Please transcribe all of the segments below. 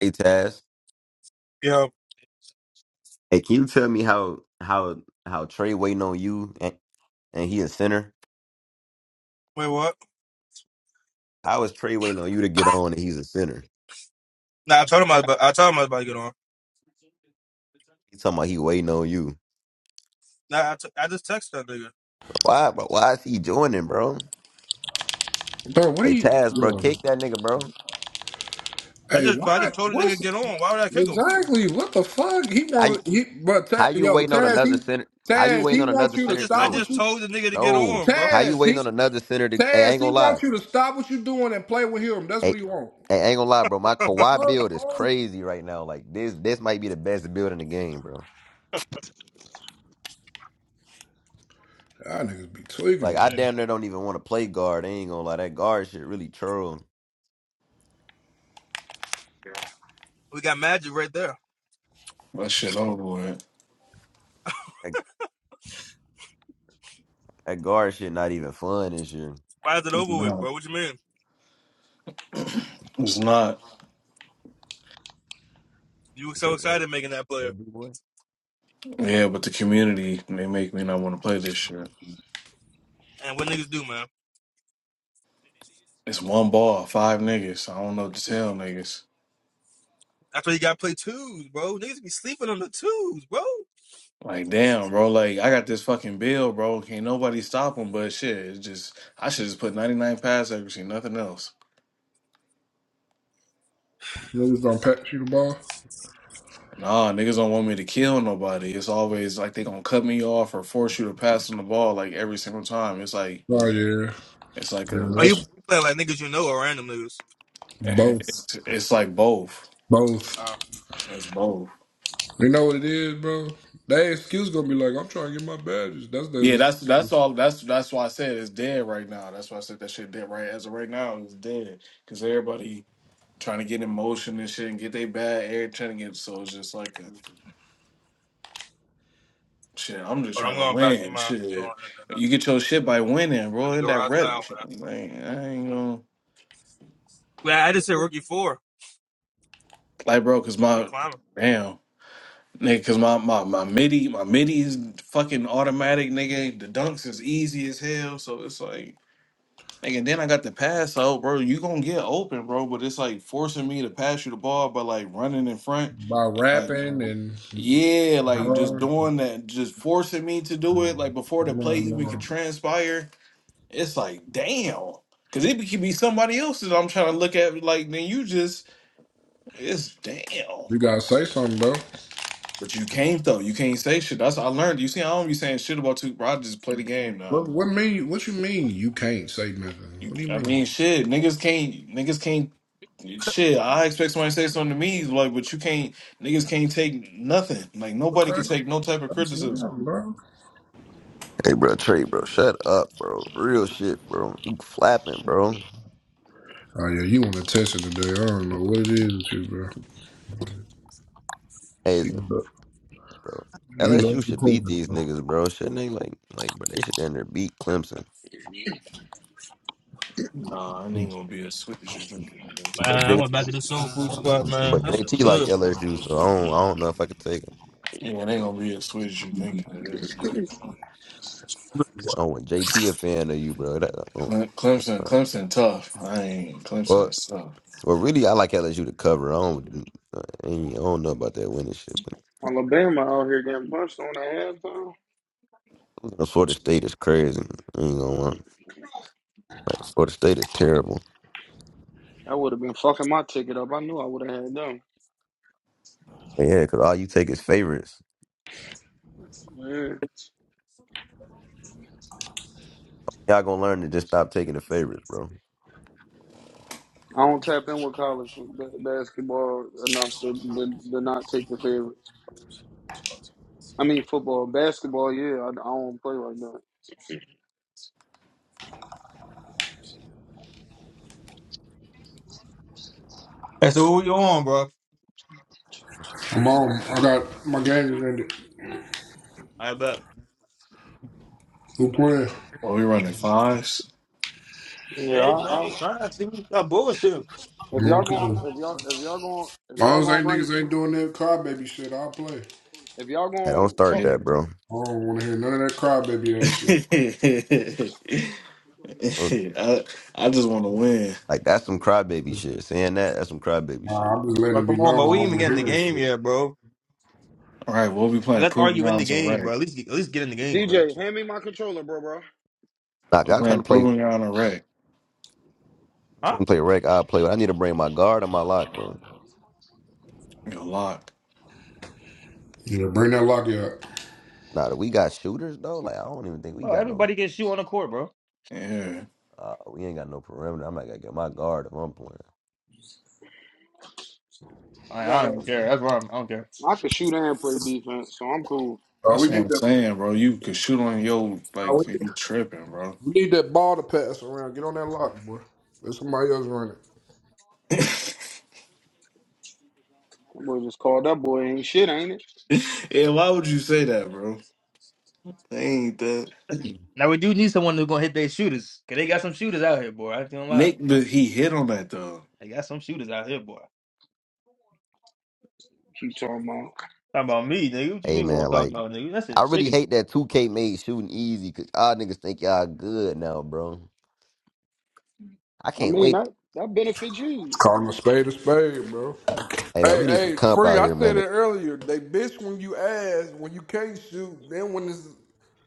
Hey Taz, Yeah. hey, can you tell me how how how Trey waiting on you and, and he a sinner? Wait, what? How is Trey waiting on you to get on and he's a sinner? Nah, I told him I was about, I told him I was about to get on. He talking about he waiting on you. Nah, I, t- I just texted that nigga. Why, bro? Why is he joining, bro? Bro, what are Hey you? Taz, bro, Yo, kick that nigga, bro. I hey, just, but I why? just told the nigga to What's get on. Why would I kick him? exactly? What the fuck? He How you want he, but Ta, how you yo, waiting on Taz, another he sinner? How you Taz, waiting he on wants another you I to sinner? just, I stop No, what just you told the nigga to get no. on, bro. How you Taz, waiting he on another sinner to? Hey, I ain't Taz, he gonna lie. wants you to stop what you doing and play with him. That's Hey, what he want. hey, I ain't gonna lie, bro. My The Kawhi fuck, build is bro? crazy right now. Like this, this might be the best build in the game, bro. Y'all niggas be tweaking, Like I bro. damn near don't even want to play guard. I ain't gonna lie, that guard shit really troll. We got magic right there. That shit over with. That, that guard shit not even fun this year. Fired it It's over with, not. bro. What you mean? It's not. You were It's so like, what? excited making that player. That big boy? Yeah, but the community, they make me not want to play this shit. And what niggas do, man? It's one ball, five niggas. I don't know what to tell niggas. That's why you gotta play twos, bro. Niggas be sleeping on the twos, bro. Like, They Be damn, sleeping. bro. Like, I got this fucking bill, bro. Can't nobody stop him, but shit, it's just, I should just put 99 pass accuracy, nothing else. Niggas don't pass you the ball. Nah, niggas don't want me to kill nobody. It's always like they gonna cut me off or force you to pass on the ball like every single time. It's like, Oh yeah, it's like yeah, a, Are you that's you playing like niggas you know or random niggas? both, it's, it's like both. both. Uh, It's both. You know what it is, bro. That excuse gonna be like, I'm trying to get my badges. That's Yeah, the that's that's all. That's that's why I said it's dead right now. That's why I said that shit dead right as of right now. It's dead because everybody trying to get in motion and shit and get their bag. Everybody trying to get so it's just like a, shit. I'm just but I'm trying to going back to win. my, going Shit, in you the, get your shit by winning, in bro. the And that garage rep, now, man. like I ain't gonna Man, I just said rookie four. like, bro, because Shit my climbing. damn. Nigga, cause my, my my midi my midi is fucking automatic, nigga. The dunks is easy as hell, so it's like Like, and then I got the pass out, bro. You gonna get open, bro. But it's like forcing me to pass you the ball by like running in front, by like rapping and yeah, like just No, doing that, just forcing me to do it, like before the play no, even can no. transpire. It's like damn, because it could be somebody else's. I'm trying to look at like then you just it's damn. You gotta say something, bro. But you can't though. You can't say shit. That's what I learned. You see, I don't be saying shit about Two. Bro, I just play the game now. What what mean what you mean you can't say nothing? You, What do you I mean? mean, shit, niggas can't, niggas can't, shit. I expect somebody to say something to me, like, but you can't, niggas can't take nothing. Like, nobody can Okay. take no type of That's criticism. down, bro. Hey, bro, Trey, bro, shut up, bro. Real shit, bro. You flapping, bro. Oh yeah, you wanna test it today. I don't know what it is with you, bro. Hey, it's- You love, you LSU love the should beat question, these bro. niggas, bro. Shouldn't they? Like, like, but they should damn near beat Clemson. Nah, it ain't gonna be as sweet as you think it is. Man, But I went JT, back to the Soul Food Squad, man. but That's a JT like good one. LSU, so I don't, I don't know if I could take him. Yeah, it ain't gonna be as sweet as you think it is. Oh, when JT a fan of you, bro. That, I don't, Cle- I don't Clemson, know. Clemson, tough. I ain't Clemson well, is tough. well, really, I like LSU to cover. I don't, I ain't- I don't know about that winning shit, Alabama out here getting punched on the head, though. You know, Florida State is crazy. I ain't gonna lie. Like Florida State is terrible. I would have been fucking my ticket up. I knew I would have had them. And yeah, because all you take is favorites. Yeah. Y'all gonna learn to just stop taking the favorites, bro. I don't tap in with college ba- basketball enough to, to, to not take the favorites. I mean, football. Basketball, yeah, I, I don't play like that. Hey, so who you on, bro? I'm on. I got my game is ended. I bet. Who playing? Well, we running fives. Yeah, Hey, I, man, I, it's fine. See, we got bullshit. Okay. if one y'all going, playing. if y'all, if y'all going, if As long y'all as they going to run, niggas ain't doing that crybaby shit, I'll play. if y'all Hey, don't going to start talk, Yeah. that, bro. I don't wanna hear none of that I, crybaby ass shit. Oh, I just want to win. Like that's some crybaby shit. Saying that, that's some crybaby shit, Nah, I'm bro. just Bro, letting it be come on, known I bro. We ain't don't even wanna get in the hear that game shit. yet, bro. All right, we'll be So playing let's Proving argue in the Grounds game, bro. Iraq. At least at least get in the game DJ, first. hand me my controller, bro, bro. Nah, We're I'm trying playing to play, Proving I'm Ground Iraq. Huh? trying to play rec. I play. I need to bring my guard and my lock, bro. You're locked. Yeah, bring that locky up. Nah, we got shooters though. Like I don't even think we Bro, got no. everybody can shoot on the court, bro. Yeah. Uh, we ain't got no perimeter. I'm not gonna get my guard if I'm playing. I I, I gotta, don't care. That's wrong. I don't care. I could shoot and play defense, so I'm cool. Oh, That's we what need I'm that. saying, bro. You could shoot on your No, we, like you tripping, bro. we need that ball to pass around. Get on that lock, boy. Let somebody else run it. yeah, I'm gonna just call that boy ain't shit, ain't it? why would you say that, bro? They ain't that now we do need someone who's gonna hit their shooters. Cause they got some shooters out here, boy. I ain't gonna lie. Nick but he hit on that though. They got some shooters out here, boy. You talking about? Talking about me, nigga. What you Hey mean we man, don't talk like about nigga? That's a I really hate that 2K made shooting easy because y'all niggas think y'all good now, bro. I I can't mean, wait. that that benefits you, Call him a spade a spade, bro. Hey man, Hey, we need some hey, comp free. out I here, said man. it earlier. They bitch when you ask, when you can't shoot. Then when it's,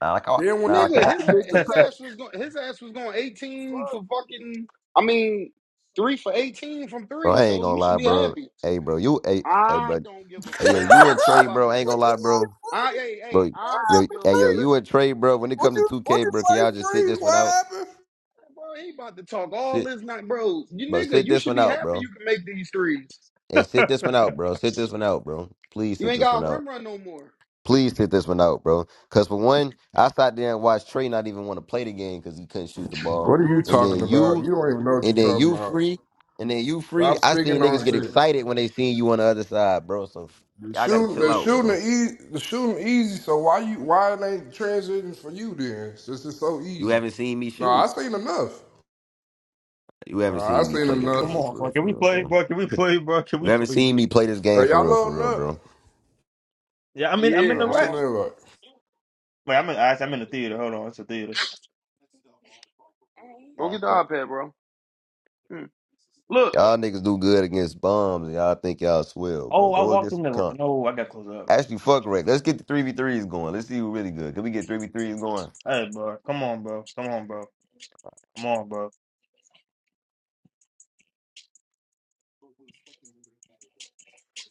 Nah, like, I, then when nah, I they can't. nigga. I- want the His bitch a- to his chicken. ass pass. was going his ass was going eighteen for Fuck. fucking. I mean, three for eighteen from bro, three. I ain't So gonna you should lie, be bro. happy. Hey, bro, you, hey, hey, I bro, don't give a hey, yo, fuck you and what you Trey, about bro, I to ain't what gonna say. you lie, say, bro, I free? hey hey bro, What I yo, don't give. happened, hey, yo, Hey, free? you and listen, Trey, bro. When it What comes to you two what K, you bro, can say, y'all just sit free? this one What out? happened? bro. He about to talk all Sit, this night, bro. You bro, nigga, sit you this should one be out, happy bro. you can make these threes. Hey, sit this one out, bro. Sit this one out, bro. Please You sit ain't this one got out. rim run no more. Please sit this one out, bro. Cause for one, I sat there and watched Trey not even want to play the game because he couldn't shoot the ball, What are you and talking then you. about? You don't even know what and you're then talking you about. free, and then you free. Stop I speaking seen on niggas get shit. excited when they seen you on the other side, bro. So The y'all gotta shooting, chill the out, shooting, bro. easy, the shooting easy. So why you, why it ain't transiting for you then? Since it's so You easy. haven't seen me No, I shoot. seen enough. You Uh, haven't I seen me seen play this Come game enough. on, for bro. real, Can for we real, play, bro. bro? Can we play, bro? Can You we haven't please? seen me play this game Are for y'all real, for loading real, up? bro. Yeah, I'm in. I'm All in Yeah, the right, I'm right. send on. that right. Wait, I'm in. actually, I'm in the theater. Hold on, it's a theater. Come Go on, get the bro. iPad, bro. Hmm. Look, Y'all niggas do good against bombs, and y'all think y'all swell, bro. Oh, I Go walked against in some the. comp. No, I got close up. Actually, fuck Rick. Let's get the three v threes going. Let's see who really good. Can we get three v threes going? Hey, bro. Come on, bro. Come on, bro. Come on, bro.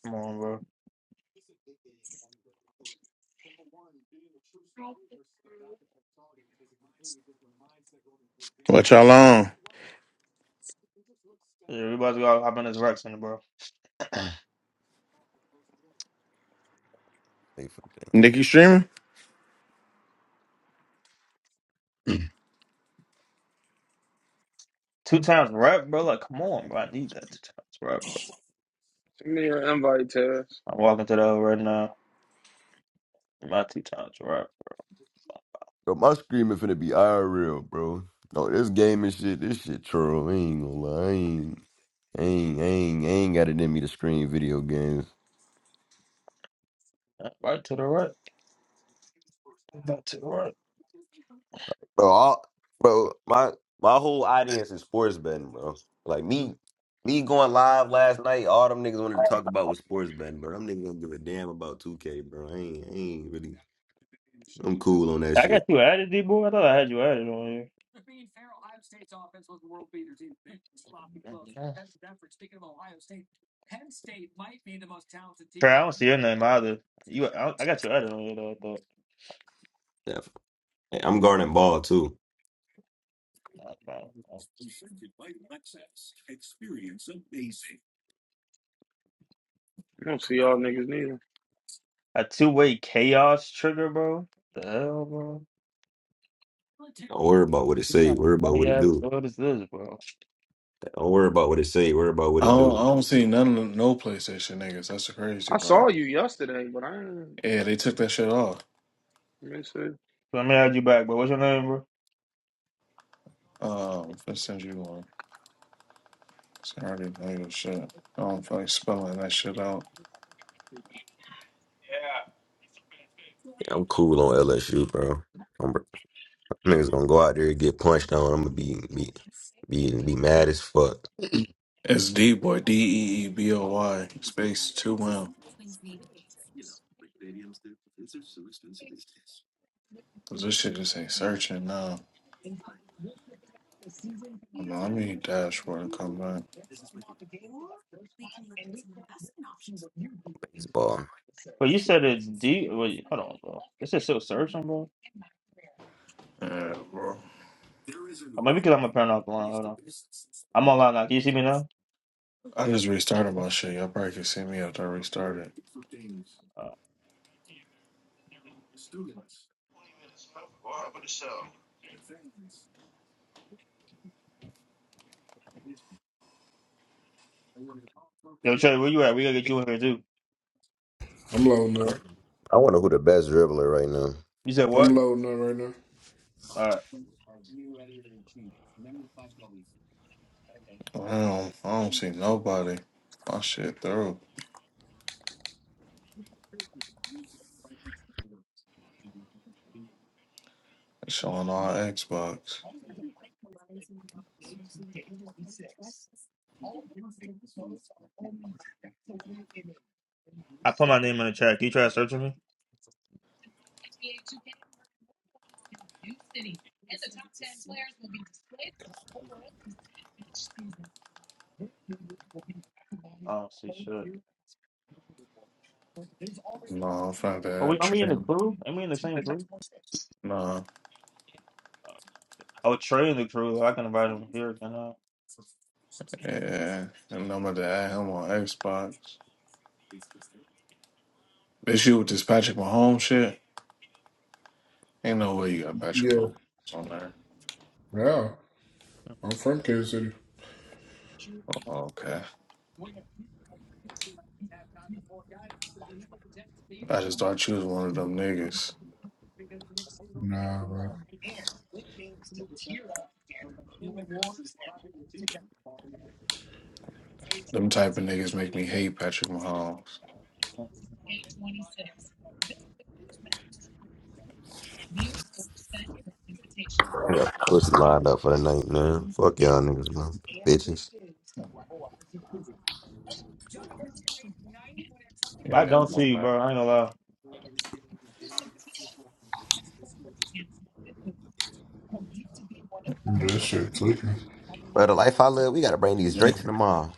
Come on, bro. What y'all on? Yeah, we about to go hop in this rec center, bro. Nikki streaming? two times rep, bro. Like, come on, bro. I need that two times rep. Bro. send me an invite, Taz. I'm walking to the O right now. My two times rep. Yo, my screaming finna be IRL, bro. No, this gaming shit, this shit troll. I ain't gonna lie. I ain't, I ain't, I ain't, I ain't got it in me to scream video games. Right to the right. Back to the right. Bro, all, bro, my my whole audience is sports betting, bro. Like me, me going live last night, all them niggas wanted to talk about was sports betting, bro. Them niggas don't give a damn about 2K, bro. I ain't, I ain't really, I'm cool on that I got shit. you added, D boy. I thought I had you added on here. Trey, I don't see your name either. You, I, I got your other one though. But Yeah, I'm guarding ball too. I- I- I- I don't see y'all niggas neither. a two-way chaos trigger, bro. The hell, bro. Don't worry about what it say, worry I about mean, what it yeah, do. what is this, bro? Don't worry about what it say. Worry about what I it don't I do. don't see none of the no PlayStation niggas. That's the crazy I saw part. you yesterday, but I ain't. Yeah, they took that shit off. Let me see. Let me add you back, bro. What's your name, bro? Um if I send you one. It's already negative shit. I don't feel like spelling that shit out. Yeah, I'm cool on LSU, bro. I'm, niggas gonna go out there and get punched on. I'm gonna be be be, be mad as fuck. It's D boy, D E E B O Y space two M. Cause this shit just ain't searching now. Come on, I need dashboard and come back. Baseball. But you said it's D. Wait, hold on, bro. This is still searching, bro. Yeah, bro. Or maybe because I'm appearing off the line. Hold on. I'm online now. Can you see me now? I just restarted my shit. Y'all probably can see me after I restarted. Uh, yo, Trey, where you at? We gotta get you in here too. I'm loading up. I wonder who the best dribbler right now. You said I'm what? loading up right now. All right. I don't, I don't see nobody. My shit through. It's showing all Xbox. I put my name in the chat. Can you try to search for me? Oh, see, should No, I'm trying to Are we? add Are we in Trey. the crew? Are we in the same crew? Nah, Oh, Trey in the crew. I can invite him here. Can I? yeah. And I'm about to add him on Xbox. This you with this Patrick Mahomes shit? Ain't no way you got Patrick Yeah, Mahomes on there. yeah. I'm from Kansas City. Okay. I just thought you was one of them niggas. Nah, bro. Them type of niggas make me hate Patrick Mahomes. I got pussy lined up for the night, man. Fuck y'all niggas, man. Bitches. But I don't ain't got see, you, no bro. I ain't gonna lie. This shit clicking. Bro, the life I live, we gotta bring these Drakes in the mall.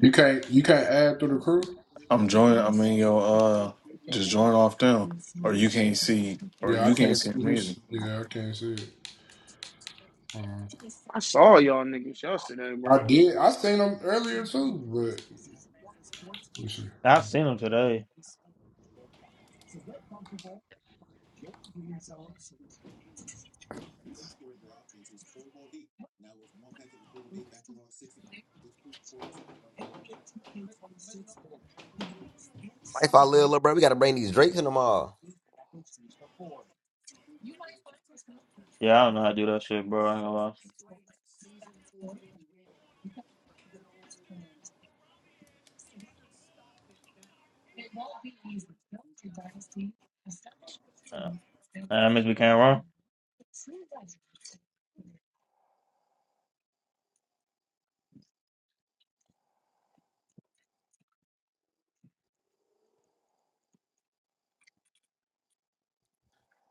You can't, you can't add to the crew. I'm joining. i mean, yo, uh, just join off them, or you can't see, or Yeah, I you can't can't see see me. his. Yeah, I can't see it. Um, I saw y'all niggas yesterday, I bro. did. I seen him earlier too, but let me see. I seen him today. Life I live, little bro, we gotta bring these Drakes in the mall. Yeah, I don't know how to do that shit, bro. I ain't gonna lie. Uh, I miss we can't run,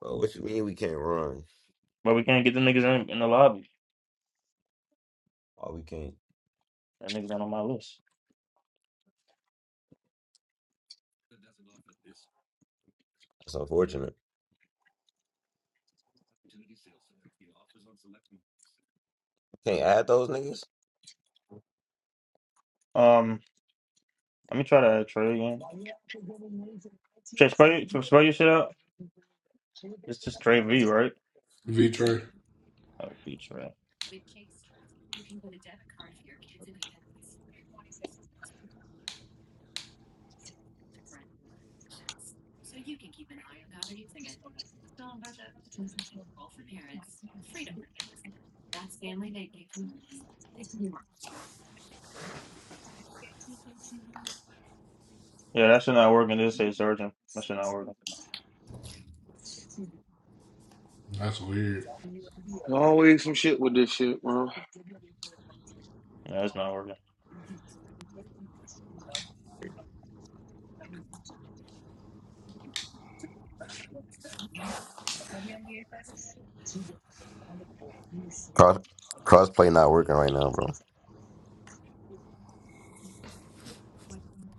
Bro, what you mean we can't run? but we can't get the niggas in, in the lobby. Oh, we can't. That niggas not on my list. That's unfortunate. Can't add those niggas. Um, let me try to add Trey again. Trey, spell, your- so spell your shit out. It's just Trey V, right? V Trey. That would be Trey. Yeah, that shit not working. This say Surgeon. That shit not working. That's weird. Yeah, it's not working. Cross crossplay not working right now, bro.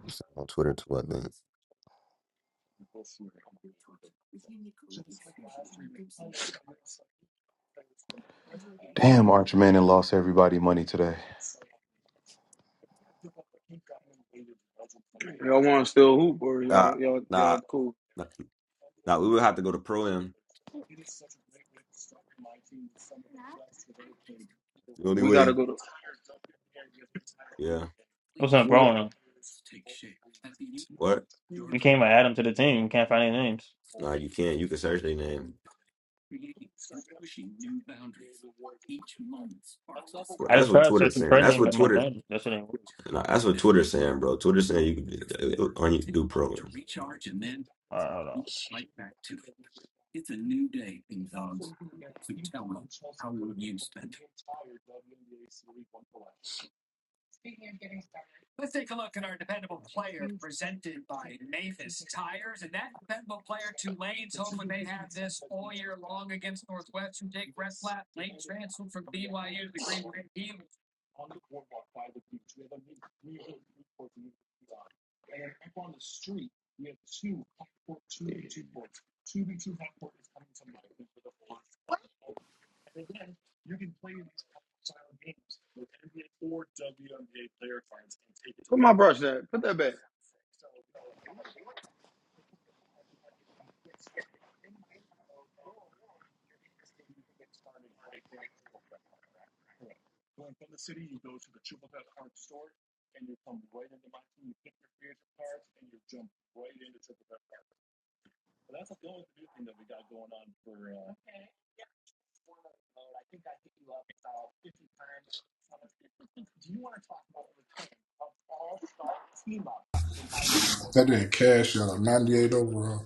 It's on Twitter too, I think. Damn, Arch Manning lost everybody money today. Uh, nah, nah, nah, we would have to go to Pro Am. The only We gotta way. go to. Yeah. What's up, bro? What? We came and add him to the team. We can't find any names. Nah, you can't. You can search their name. Well, I that's just what tried Twitter's searching saying. That's pregnant what but my Twitter. thing. That shit ain't working. Nah, that's what Twitter's saying, bro. Twitter's saying you can on you can do Pro Am. Alright, hold Put my brush there. Put that back. That didn't cash out a 98 overall.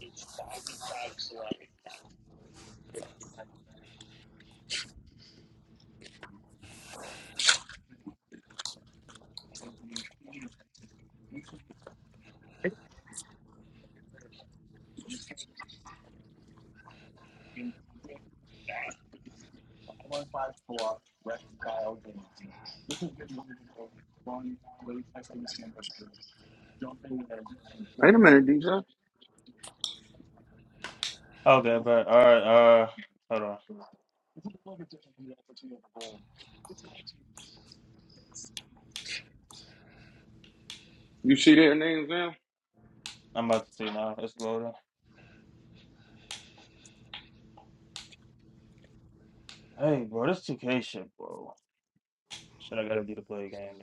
Wait a minute, DJ. on. Okay, but alright, uh hold on. You see their names now? I'm about to see now. It's loading. Hey bro, this 2K shit, bro. Shit I gotta do to play a game.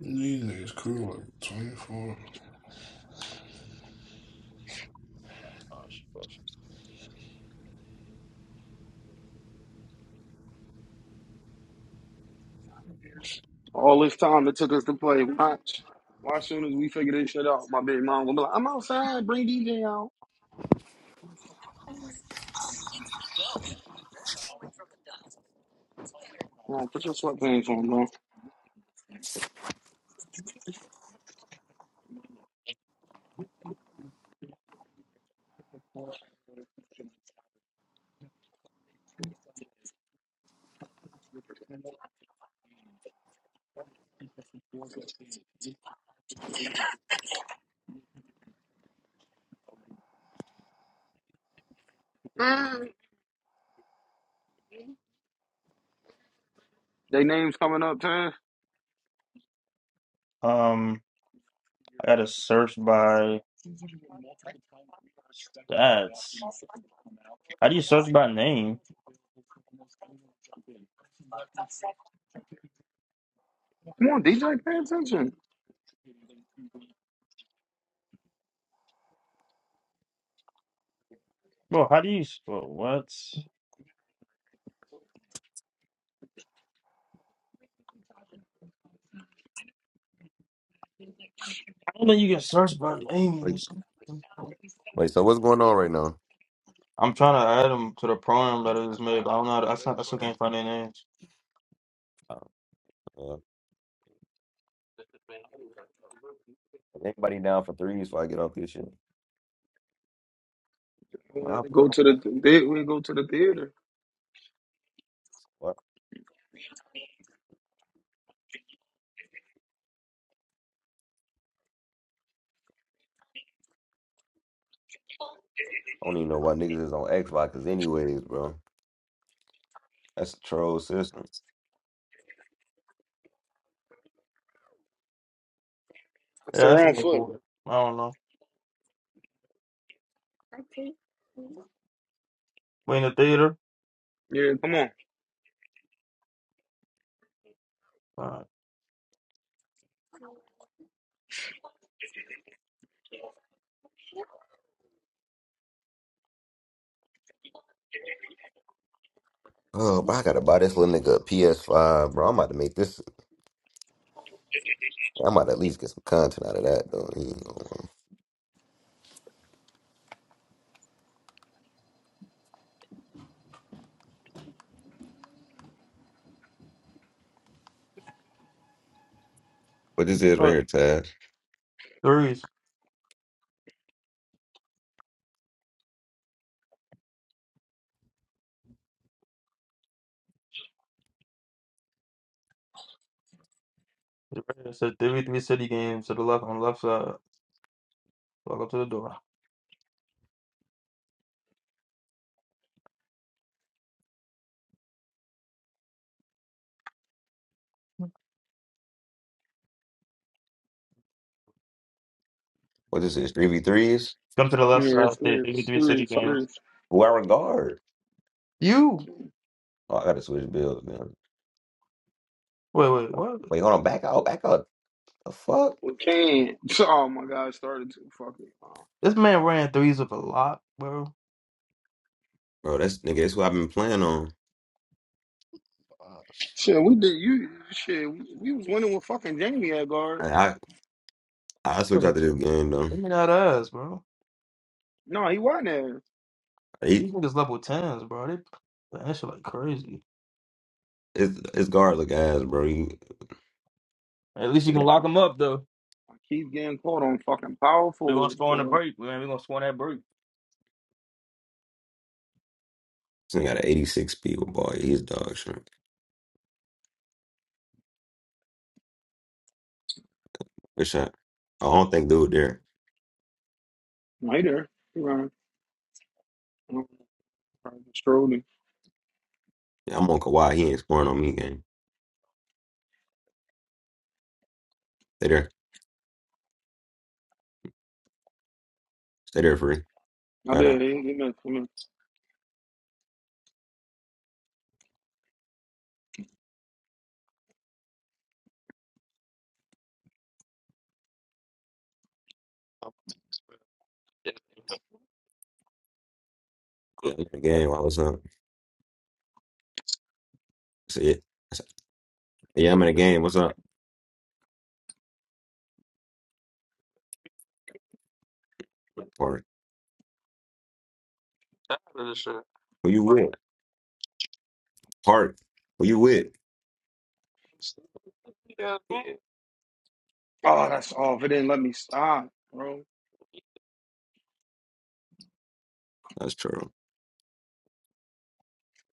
These niggas cool like 24. Like, Oh shit, bro, shit. All this time it took us to play watch. watch. soon as we figure this shit out, my baby mom gonna be like, I'm outside, bring DJ out. Come on, put your sweatpants on, bro. Mm. They names coming up, Taz. Um I gotta search by stats. How do you search by name? Come on, DJ, pay attention. Bro, how do you bro, what? I don't think you can search by name in Wait, this. I'm wait. So what's going on right now? trying to add them to the program that it was made, but I don't know. how to- I, s- I still- can't find their names. Uh, is anybody down for threes? So I get off this shit. What What? I don't even know why niggas is on Xbox. anyways, bro. That's a troll system. It's the Yeah, that's a wrong good foot. boy. I don't know. Wayne the Theater. Yeah, come on. Uh, Oh, but I gotta buy this little nigga a PS5, bro. I'm about to make this. I'm about to at least get some content out of that, though. You know. But this is right here, Taz. threes. It says WB City Games to the left on the left side. Walk up to the door. What is this? is? Three v threes? Come to the left Yeah, side. it's Say serious, WB City serious, Games. serious. Who I regard? You Oh, I gotta switch builds, man. wait, wait, what? Wait, hold on. Back out. Back out. The fuck, We can't. Oh my God, it started to fucking. uh, This man ran threes with a lot, bro. bro. That's nigga. That's what I've been playing on. Uh, Shit, we did. You shit. We, we was winning with fucking Jamie at guard. I I, I switch out Bro, to this game though. Let me not ask, bro. No, he wasn't there. He These niggas level tens, bro. They man, that shit like crazy. it's it's guard look ass, bro. He At least you still can got, I, lock them up though. I keep getting caught on fucking power We gonna forwards, score on the boy. break, man. We gonna score on that break. still got an eighty six speed with ball. He's dog shit. Good shot. I Shit. don't think dude there. Later. Strolling. Yeah, I'm on Kawhi. He ain't scoring on me game. Stay there. Stay there, free. I Got did. out. In the game, I was up. I said, yeah, I said, yeah, I'm in the game. What's up? Park. Who you with? Park. Who you with? Oh, that's off. It didn't let me stop, bro. That's true.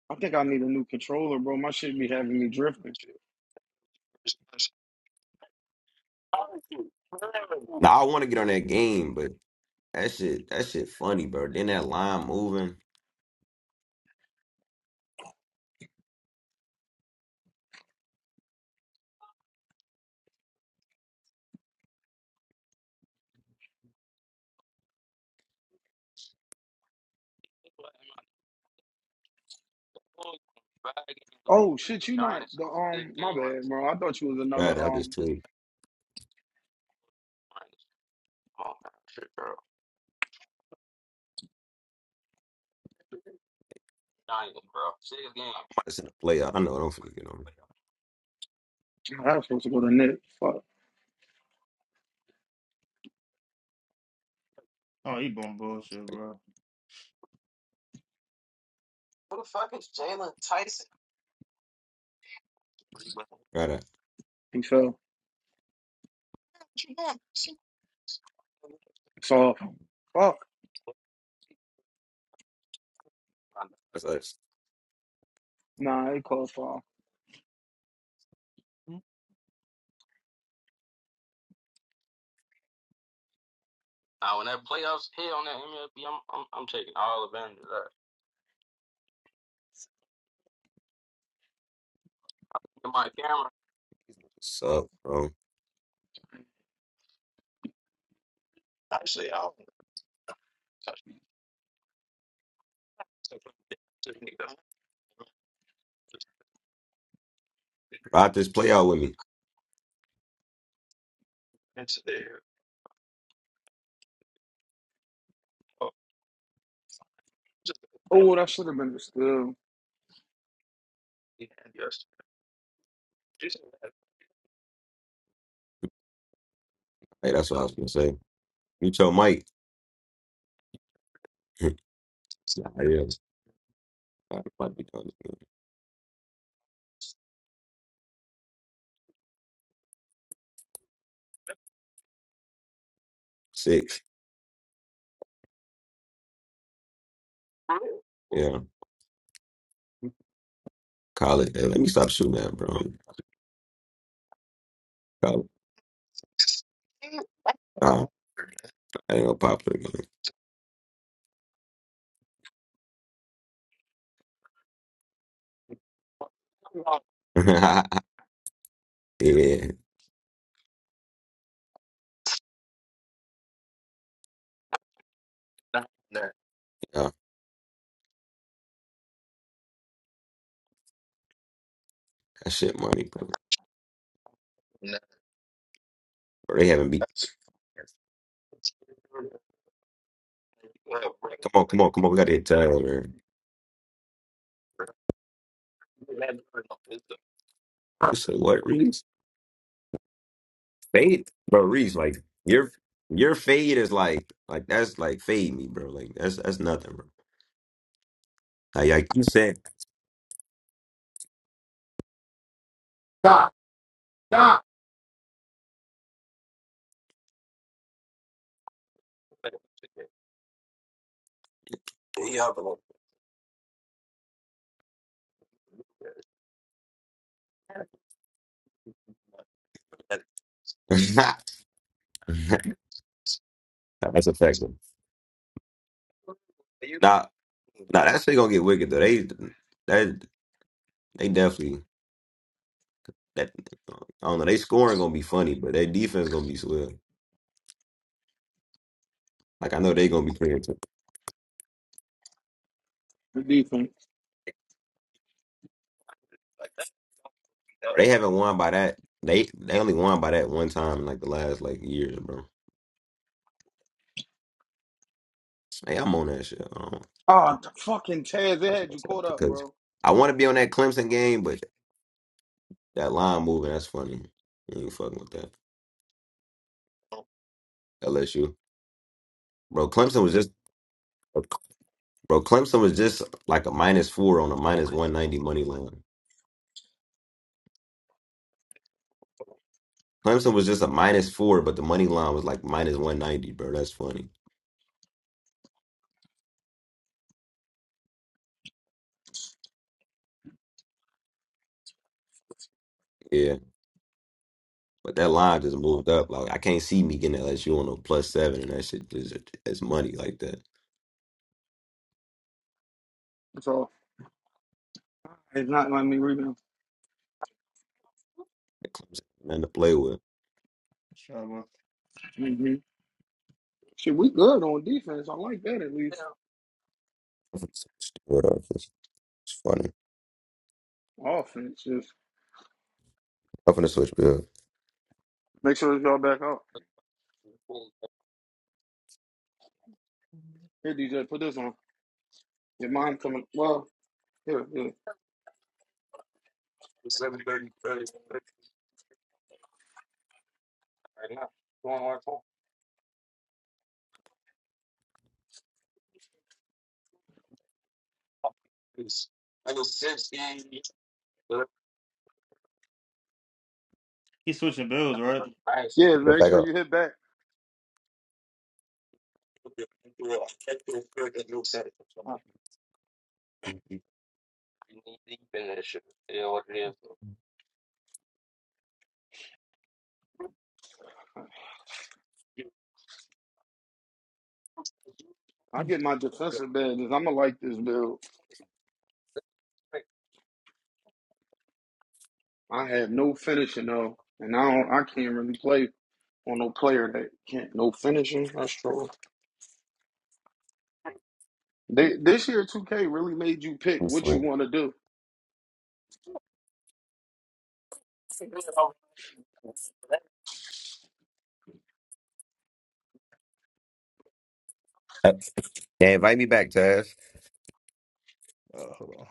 I think I need a new controller, bro. My shit be having me drifting. Now I want to get on that game, but that shit, that shit funny, bro. Then that line moving. Oh shit, you not the um. My bad, bro. I thought you was another Right, I just um. tweet. I'm about to send a playout. I know I don't finna get on. I was supposed to go to Nick. Fuck. oh, he bum bullshit, Right, bro. right. He fell. It's off. Fuck. that's us. Nah, it called foul. What's up, bro? Ride this playout with me. Oh, that should have been the steal. Hey, that's what I was gonna say. You tell Mike. yeah, yeah. I might be done. Six. Yeah, college. Hey, let me stop shooting that, bro. Oh, I ain't gonna pop it again. yeah, oh, that's, bro, they haven't beat. So what, Reese? Fade, bro, Reese. Like your your fade is like like that's like fade me, bro. Like that's that's nothing, bro. Like, like you said, that's effective. Nah, nah, that shit gonna get wicked though. They that they definitely that I don't know. They scoring gonna be funny, but their defense gonna be swell. Like I know they gonna be creative. The defense. They haven't won by that. They they only won by that one time in like the last like years, bro. Hey, I'm on that shit. I don't Ah, the fucking Taz. It like had that you caught shit up, because bro. I want to be on that Clemson game, but that line moving, that's funny. You ain't fucking with that. LSU. Bro, Clemson was just bro, Clemson was just like a minus four on a minus one ninety money line. Clemson was just a minus four, but the money line was like minus one ninety, bro. That's funny. Yeah. But that line just moved up. Like I can't see me getting LSU on a plus seven, and that shit is as money like that. It's off. It's not letting me rebound. That Clemson ain't nothing to play with. Shut up. hmm Shit, we good on defense. I like that at least. I'm finna switch to it up. It's it's funny. Offense, just I'm finna switch Bill. make sure that y'all back up. Here, DJ, put this on. Your mom coming. Well, here, here. He's switching bills, right? Yeah, Yeah, make back sure up. you hit back. I Hmm. get my defensive badges. I'ma like this build. I have no finishing though, and I don't. I can't really play on no player that can't no finishing. That's true. They, this year, 2K really made you pick what you want to do. Uh, Yeah, invite me back, Taz. Oh, hold on.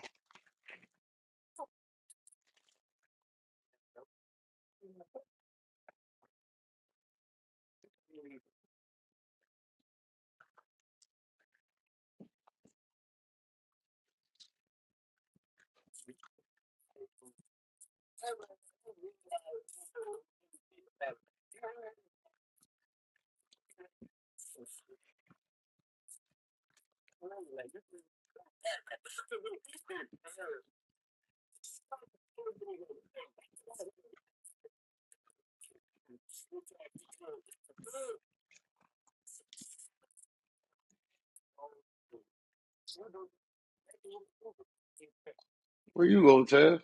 Where you go, Tav?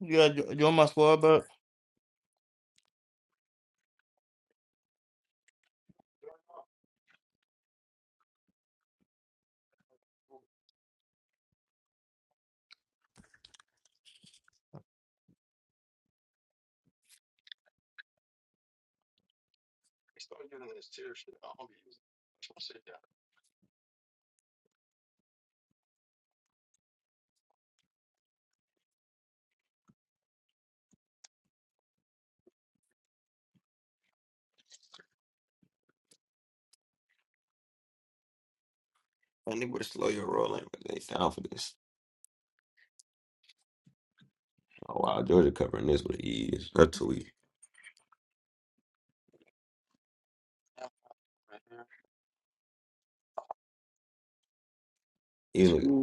Yeah, you you on my squad, but I need to slow your rolling, but they down for this. Oh wow, Georgia covering this with ease. That's too easy. These niggas.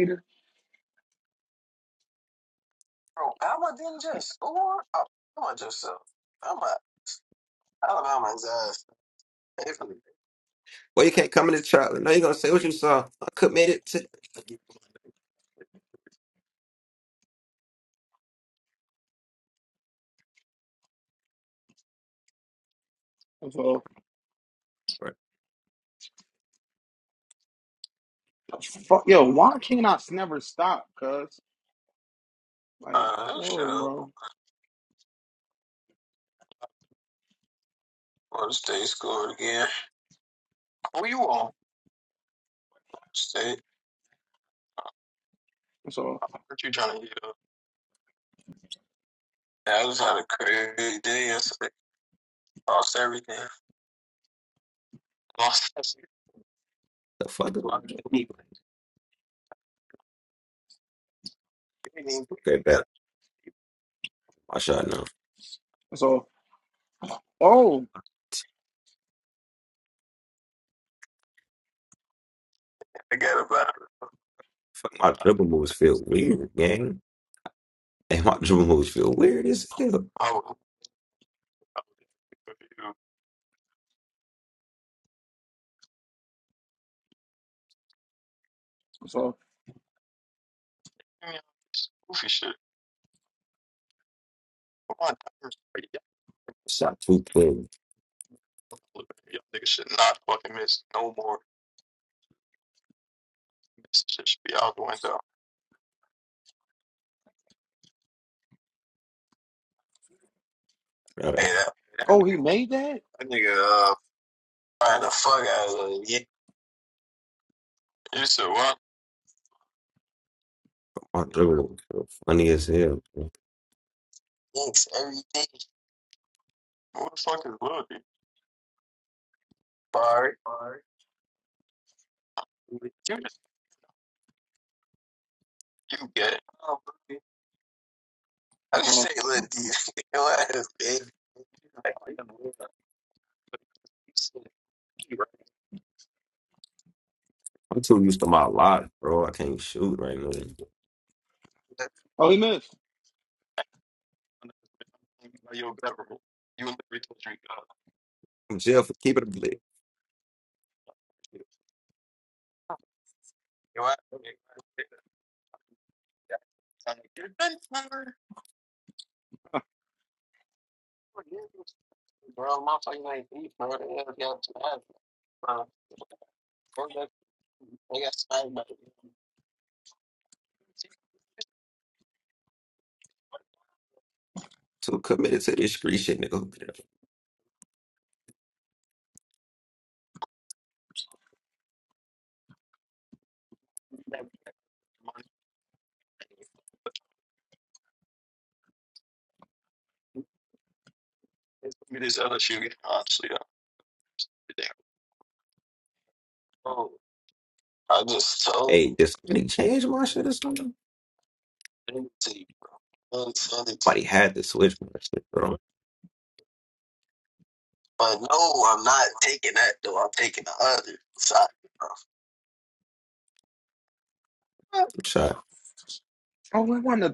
Peter? Well, you can't come into Charlotte. Now you're gonna say what you saw. I committed to. That's all. Right. Fuck, yo, why can't I never stop? Cause like, oh, bro. That's all. The fuck is my Okay, bet. My shot now. That's all. Oh, Fuck my dribble moves feel weird, gang. And my dribble moves feel weird as hell. that's all. Shot too clean. Bro, Oh, he made that. My dribble moves feel funny as hell. Bro. That's all. I'm too used to my life, bro. I can't shoot right now. I'm Oh, he missed. in jail for keeping a blade. too committed to this street shit, nigga. Who did it? Hey, did somebody change my shit or something? Somebody had to switch my shit, bro. Shot. Oh, I wanna.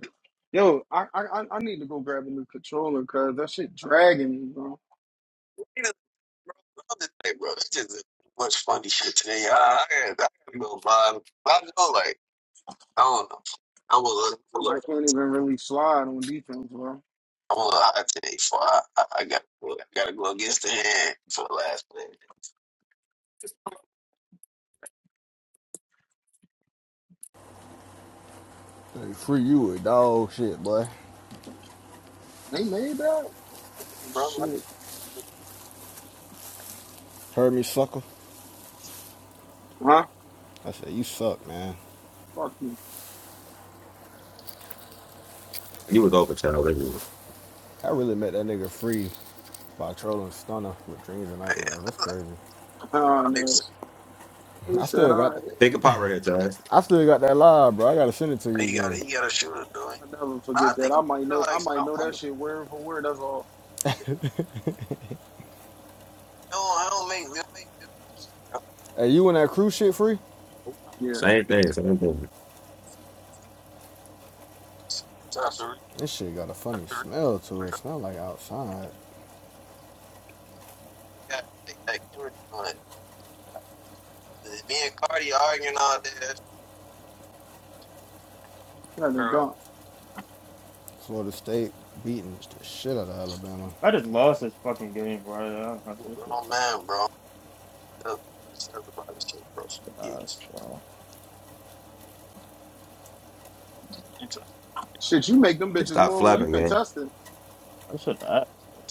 Yo, I I I I need to go grab a new controller because that shit dragging me, bro. I can't even really slide on defense, bro. Hey, free you a dog shit, boy. They made that shit, Heard me, sucker? huh? I said, you suck, man. Fuck you. You was over child everywhere. I really met that nigga free by trolling Stunner with dreams and nightmares. That's crazy. Oh no. Who I said still got I? Pick a pop right here, Taz. I still got that live, bro. I gotta send it to you again. I never forget that. I might know. I might know that shit word for word. That's all. Hey, you and that crew shit free? Yeah, This shit got a funny smell to it. Smell like outside. kind don't. Florida State beating the shit out of Alabama. I just lost this fucking game, bro. I, I should, I should, I, uh, Shit, you make them They bitches stop more when you flapping, gang. contest it. I should ask. bro.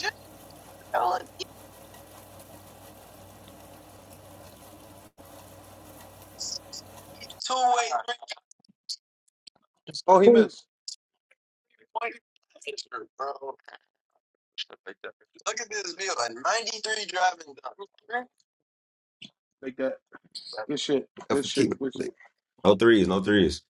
Oh, he Ooh. missed. Make that. Good shit. Good shit. Keep it Good shit. lit. No threes, no threes.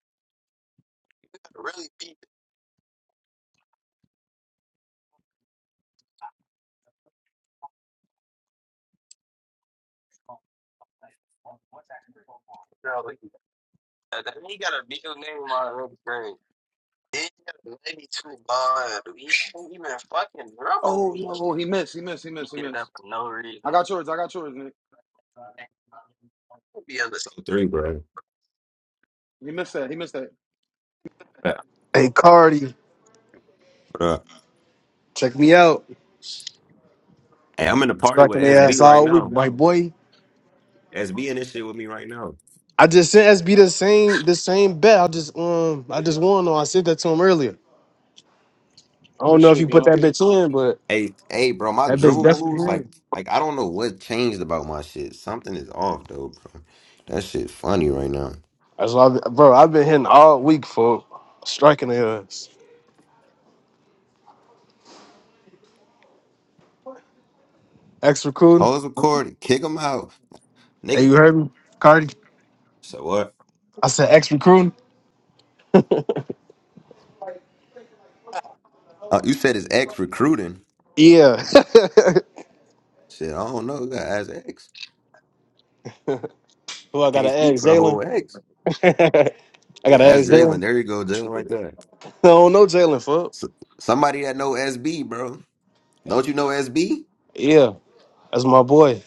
Oh no, he missed. He missed. He missed. He missed. I got yours. I got yours, Nick. No three, bro. He missed that. He missed that. Yeah, Hey Cardi, bro. check me out. Hey, I'm in the party with Striking their SB ass right all week, now. my boy. SB in this shit with me right now. I just sent SB the same the same bet. I just um I just won on. I sent that to him earlier. I don't know if you put that bitch in, but Hey, hey, bro, my that bitch dribble definitely moves, like, green. like I don't know what changed about my shit. Something is off, though, bro. That shit funny right now. That's why, I- bro. I've been hitting all week for striking their ass. Ex recruiting. Hoes recorded. Kick him out, Hey, nigga. you heard me, Cardi? So what? I said ex recruiting. Uh, you said his ex recruiting. Yeah. Shit, I don't know. You gotta ask ex. Who I I got can't an speak ex, for the Jalen. whole ex. I Yeah, got an ask ex, Jalen. Jalen. There you go, Jalen, right there. I don't know Jalen, fuck. S somebody that know SB, bro. Don't you know SB? Yeah, that's my boy.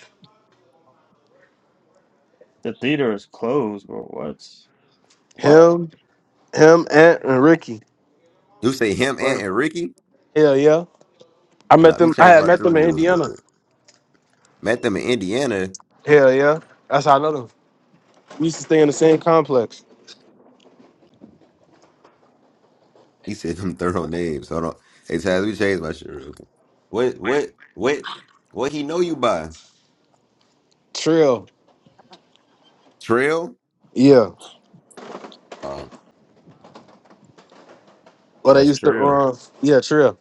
The theater is closed, bro. What? What? Him, Him, Ant, and Ricky. You say him and and Ricky. Hell yeah. I Nah, met let me them. I change had my met Drew them in rules real Indiana. quick. Met them in Indiana. Hell yeah. That's how I know them. We used to stay in the same complex. He said them thorough names. Hold on. Hey, Taz, let me change my shit real quick. What? What? What? What he know you by? Trill. Trail? Yeah. Oh, yeah, Well, they that's used to. Trail. Uh, yeah, trill.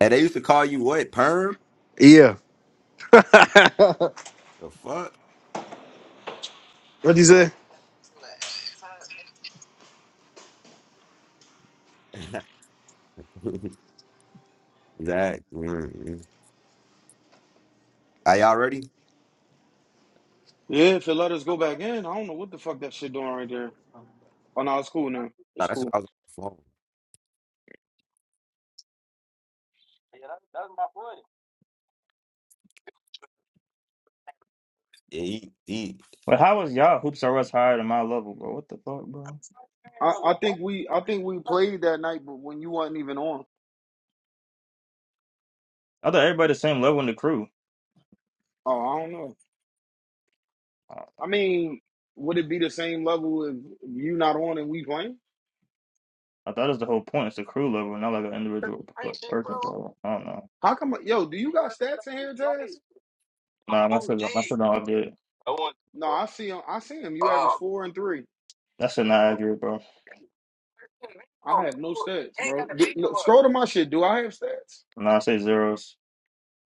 And they used to call you what? Perm? Yeah. The fuck? What'd you say? that. mm Are y'all ready? Nah, Yeah, if it let us go back in, I don't know what the fuck that shit doing right there. Oh no, it's cool now. It's that's what cool. I was on the phone. Yeah, he, he. But how was y'all hoops are us higher than my level, bro? What the fuck, bro? I, I think we I think we played that night, but when you wasn't even on. I thought everybody the same level in the crew. Oh, I don't know. I, I mean, would it be the same level if you not on and we playing? I thought that's the whole point. It's the crew level, not like an individual like, person, bro. I don't know. How come? Yo, do you got stats in here, Taz? Nah, my shit, my shit not good. No, I see him. I see him. You average four and three. That shit not accurate, bro. I have no stats, bro. D- look, scroll to my shit. Do I have stats? Nah, I say zeros.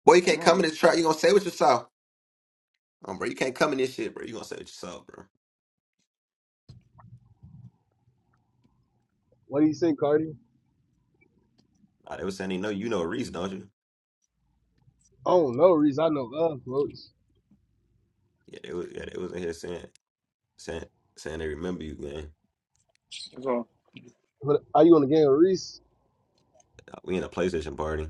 Boy, you I don't can't come in know. this trap. You gonna say what you saw, um, bro? You can't come in this shit, bro. You gonna say what you saw, bro? What do you say, Cardi? Nah, they was saying they know you know Reese, don't you? I don't know, Reese. I know love, folks. Yeah, they was. Yeah, they was in here saying, saying, saying they remember you, man. That's all. But are you on the game with Reese? Nah, We in a PlayStation party.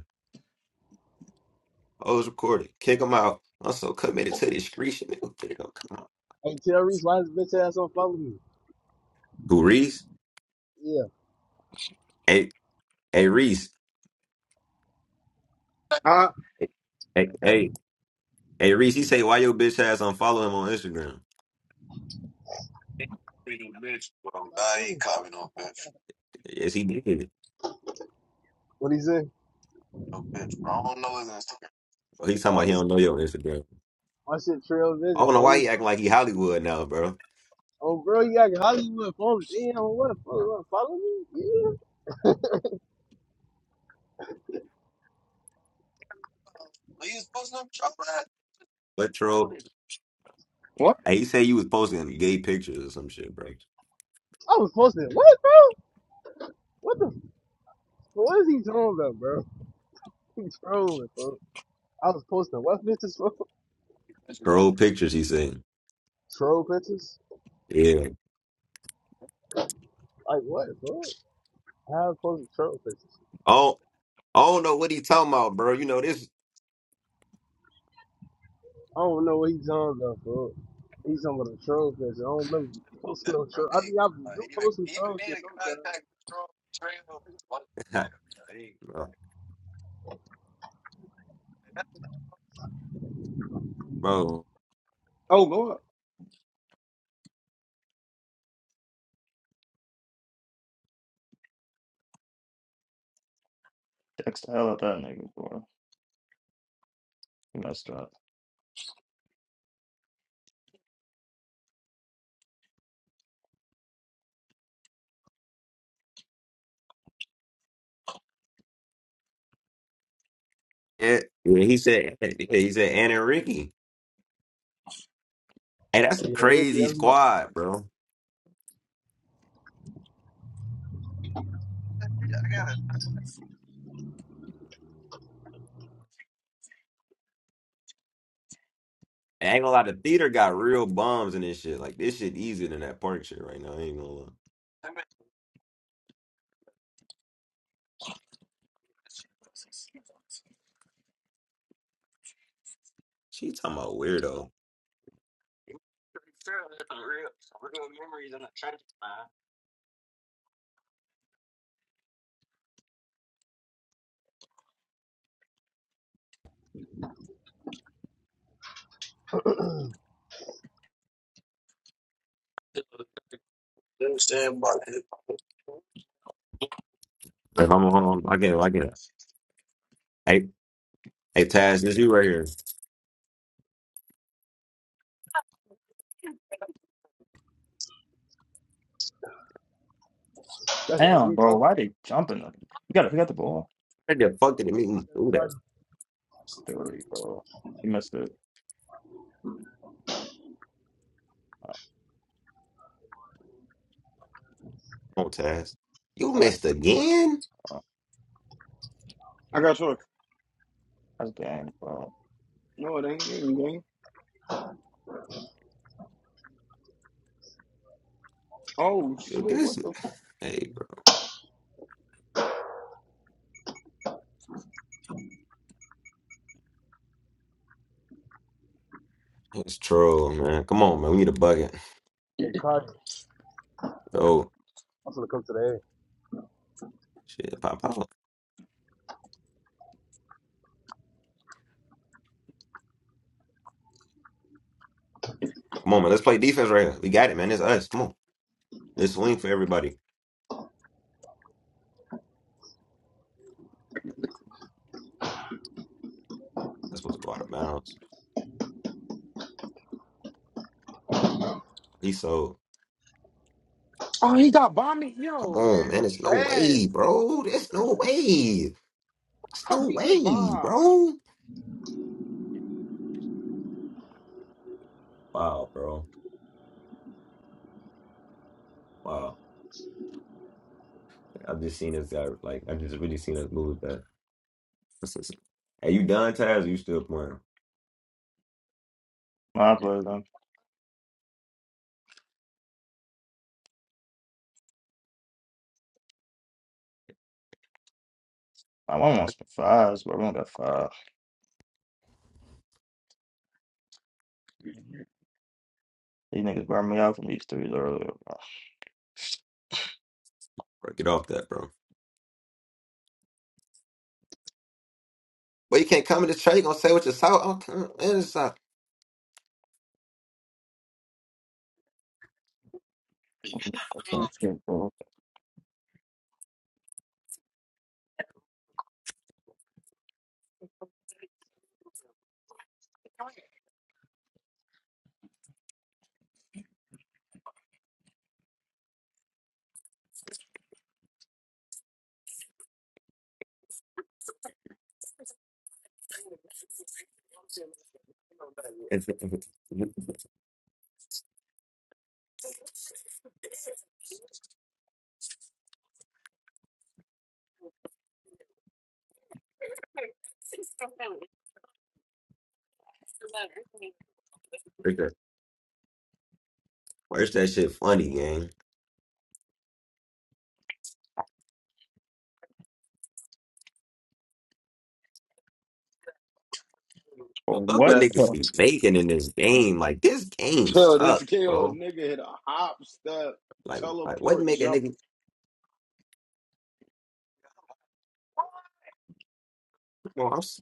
Oh, it's recorded. Kick them out. I'm so committed to this Reese. Nigga, Get it gonna come out. Hey, tell Reese why his bitch ass don't follow me. Who Reese? Yeah, Hey, hey Reese. I Hey, hey, hey Reese. He say why your bitch ass unfollow him on Instagram? what I do? Yes, he did. What he say? Oh, He's talking about he don't know your Instagram. My shit trail I vision. don't know why he Folks. acting like he Hollywood now, bro. Oh, bro, you got Hollywood phones. Damn, what? Folks, you follow me? Yeah. What troll? what? Hey, he said you was posting gay pictures or some shit, bro. I was posting. What, bro? What the? What is he talking about, bro? He's trolling, bro. I was posting what pictures, bro? Troll pictures, he said. Troll pictures? Yeah. Like what, bro? How I was posting troll pictures? Oh, I don't know what he talking about, bro. You know this, I don't know what he's talking about, bro. He's talking about a troll picture. I don't remember posting no troll. I mean, I do post some troll shit sometimes. bro. Oh, go up. Text the hell out that nigga, bro. He messed up. Yeah, yeah, he said yeah, he said Anna and Ricky. Hey, that's a Yeah, Ricky, crazy that's my squad, dog. bro. I ain't gonna lie, the theater got real bums and this shit. Like this shit easier than that park shit right now. I ain't gonna lie. She talking about weirdo. Like, hold on, hold on. I get it. I get it. Hey, Hey Taz, this you right here. That's, that's Damn, me bro. talking Why they jumping? You got, he got the ball. What the fuck did it make me to do that? Cardi. It's three, bro. You missed it. Come on, Taz. You Oh, missed again? oh, I got yours. that's game, bro. No, it ain't. It ain't. it ain't. Oh Dude, shit! this What the hey bro. It's troll, man. Come on, man. We need a bucket. Hey, Cardi, Oh I'm gonna come to the air. shit, pop pop. Come on, man. Let's play defense right here. We got it, man. It's us. Come on. This swing for everybody. That's supposed to go out of bounds. He sold. Oh, he got bombed. Come Yo, on, man, man. that's There's no trash. way, bro. There's no That's way. There's fuck. no We get way, bombed. bro. Wow, bro. Wow. I've just seen this guy like I've just really seen us move that. Hey, you done Taz? or You still playing? My play them. I want want some fives, bro. I want that five. These niggas burned me out from these threes earlier, Bro, get off that, bro. Well, you can't come in the trade. You gonna say what you saw? I'm coming in the saw. bro. That's it, bro. Where's that shit funny, gang? Bro, Fuck What? what But niggas the- be making in this game. Like this game yo, this suck, kill bro. nigga hit a hop, step, Like, like what teleport, make a jump. nigga? Come on, I'm s-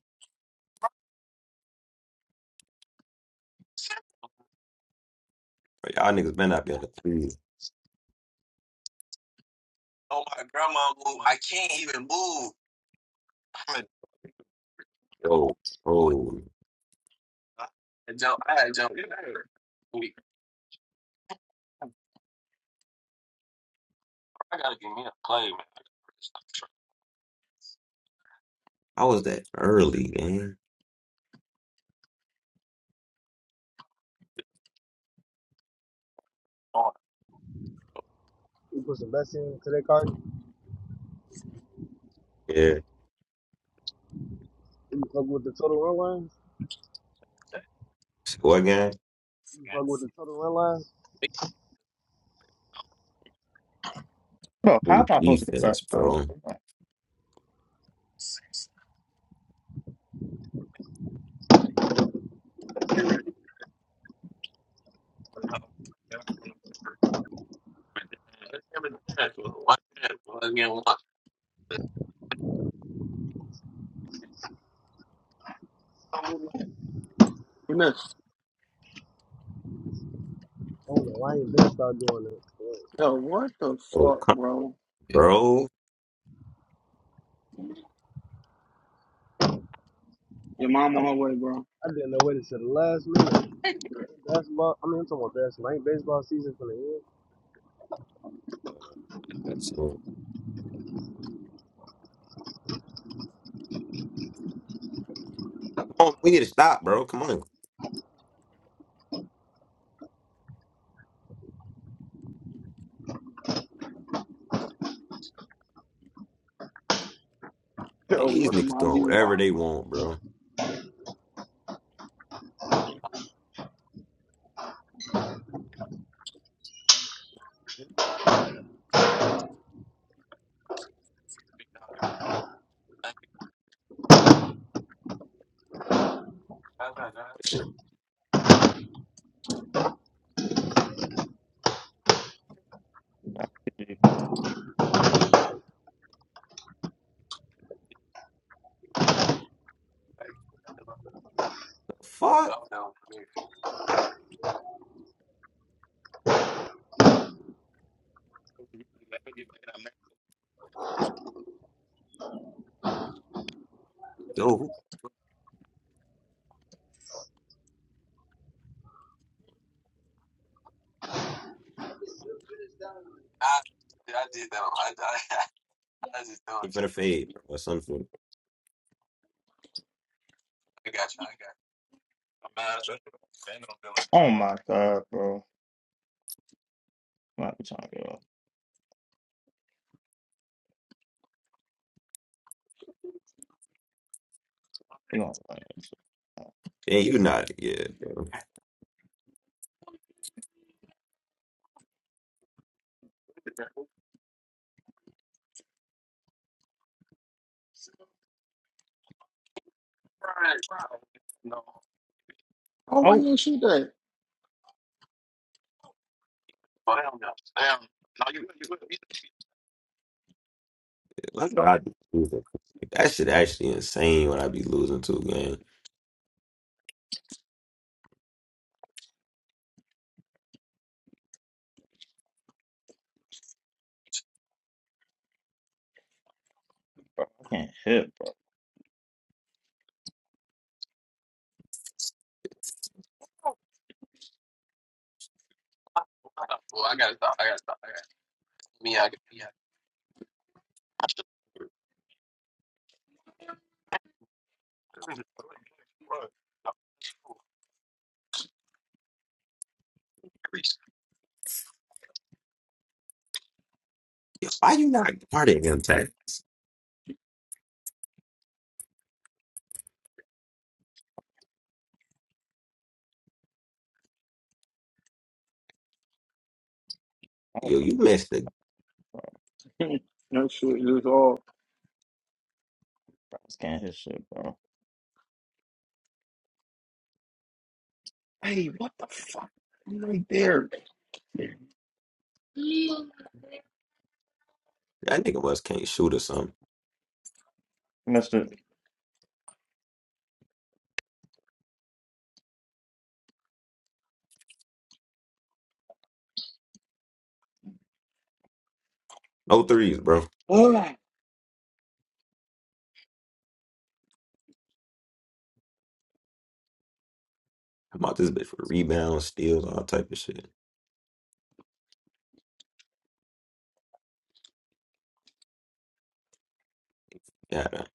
bro, y'all niggas better not be on the threes. Yo, oh, I was that early, gang. You put the best in today, Cardi. Yeah. You fuck with the total run lines. So what, gang? You fuck with the total run lines. Bro, how am Ooh, I supposed to get that? defense, Um, bro. You ready? And then- I don't know. the Lions, been start doing it. Yo, what the Oh, fuck, come bro? bro. Your mom on her way, bro. I didn't know what it to the last minute. Basketball, I mean, I'm talking about basketball. Ain't baseball season for the end? That's- oh, Come on, we need to stop, bro. Come on. Hey, Yo, These what am niggas I doing doing? Why? whatever they want, bro. That Shit. The fuck? Yo, who gonna fade, bro? Or something. oh my god, bro. I'm not trying to go. You want to play this? shit. Man, you not. Yeah, bro. Oh, why Oh, didn't shoot that? That's what I be losing. That shit actually insane when I be losing to a game. bro, I can't hit, bro. Yo, why you not part of them, Tat? I do Yo, you missed it. that shit is all. I just can't hit shit, bro. Hey, what the fuck? I'm right there. That nigga West can't shoot or something. Missed it. No threes, bro. How about this bitch for rebounds, steals, all type of shit? Yeah, man.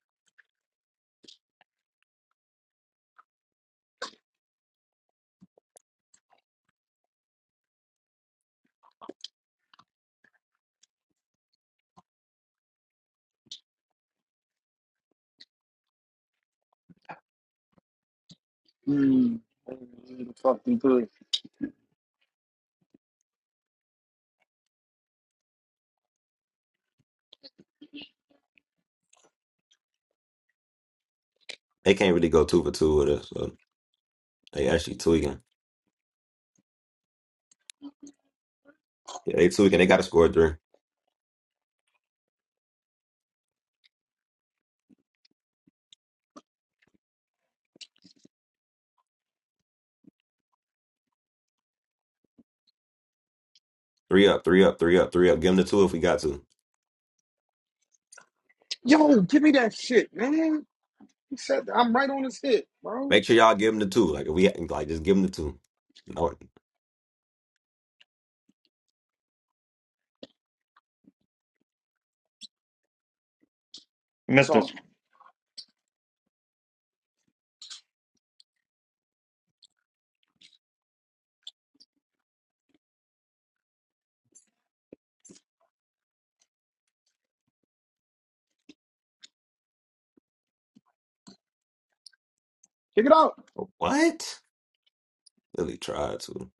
they can't really go two for two with us. So they actually tweaking. Yeah, they two, and they got to score three. Three up, three up, three up, three up. Give them the two if we got to. Yo, give me that shit, man. He said that. I'm right on his hip, bro. Make sure y'all give them the two. Like, if we like, just give them the two. No, That's Missed all. it. Kick it out. what? Really tried to.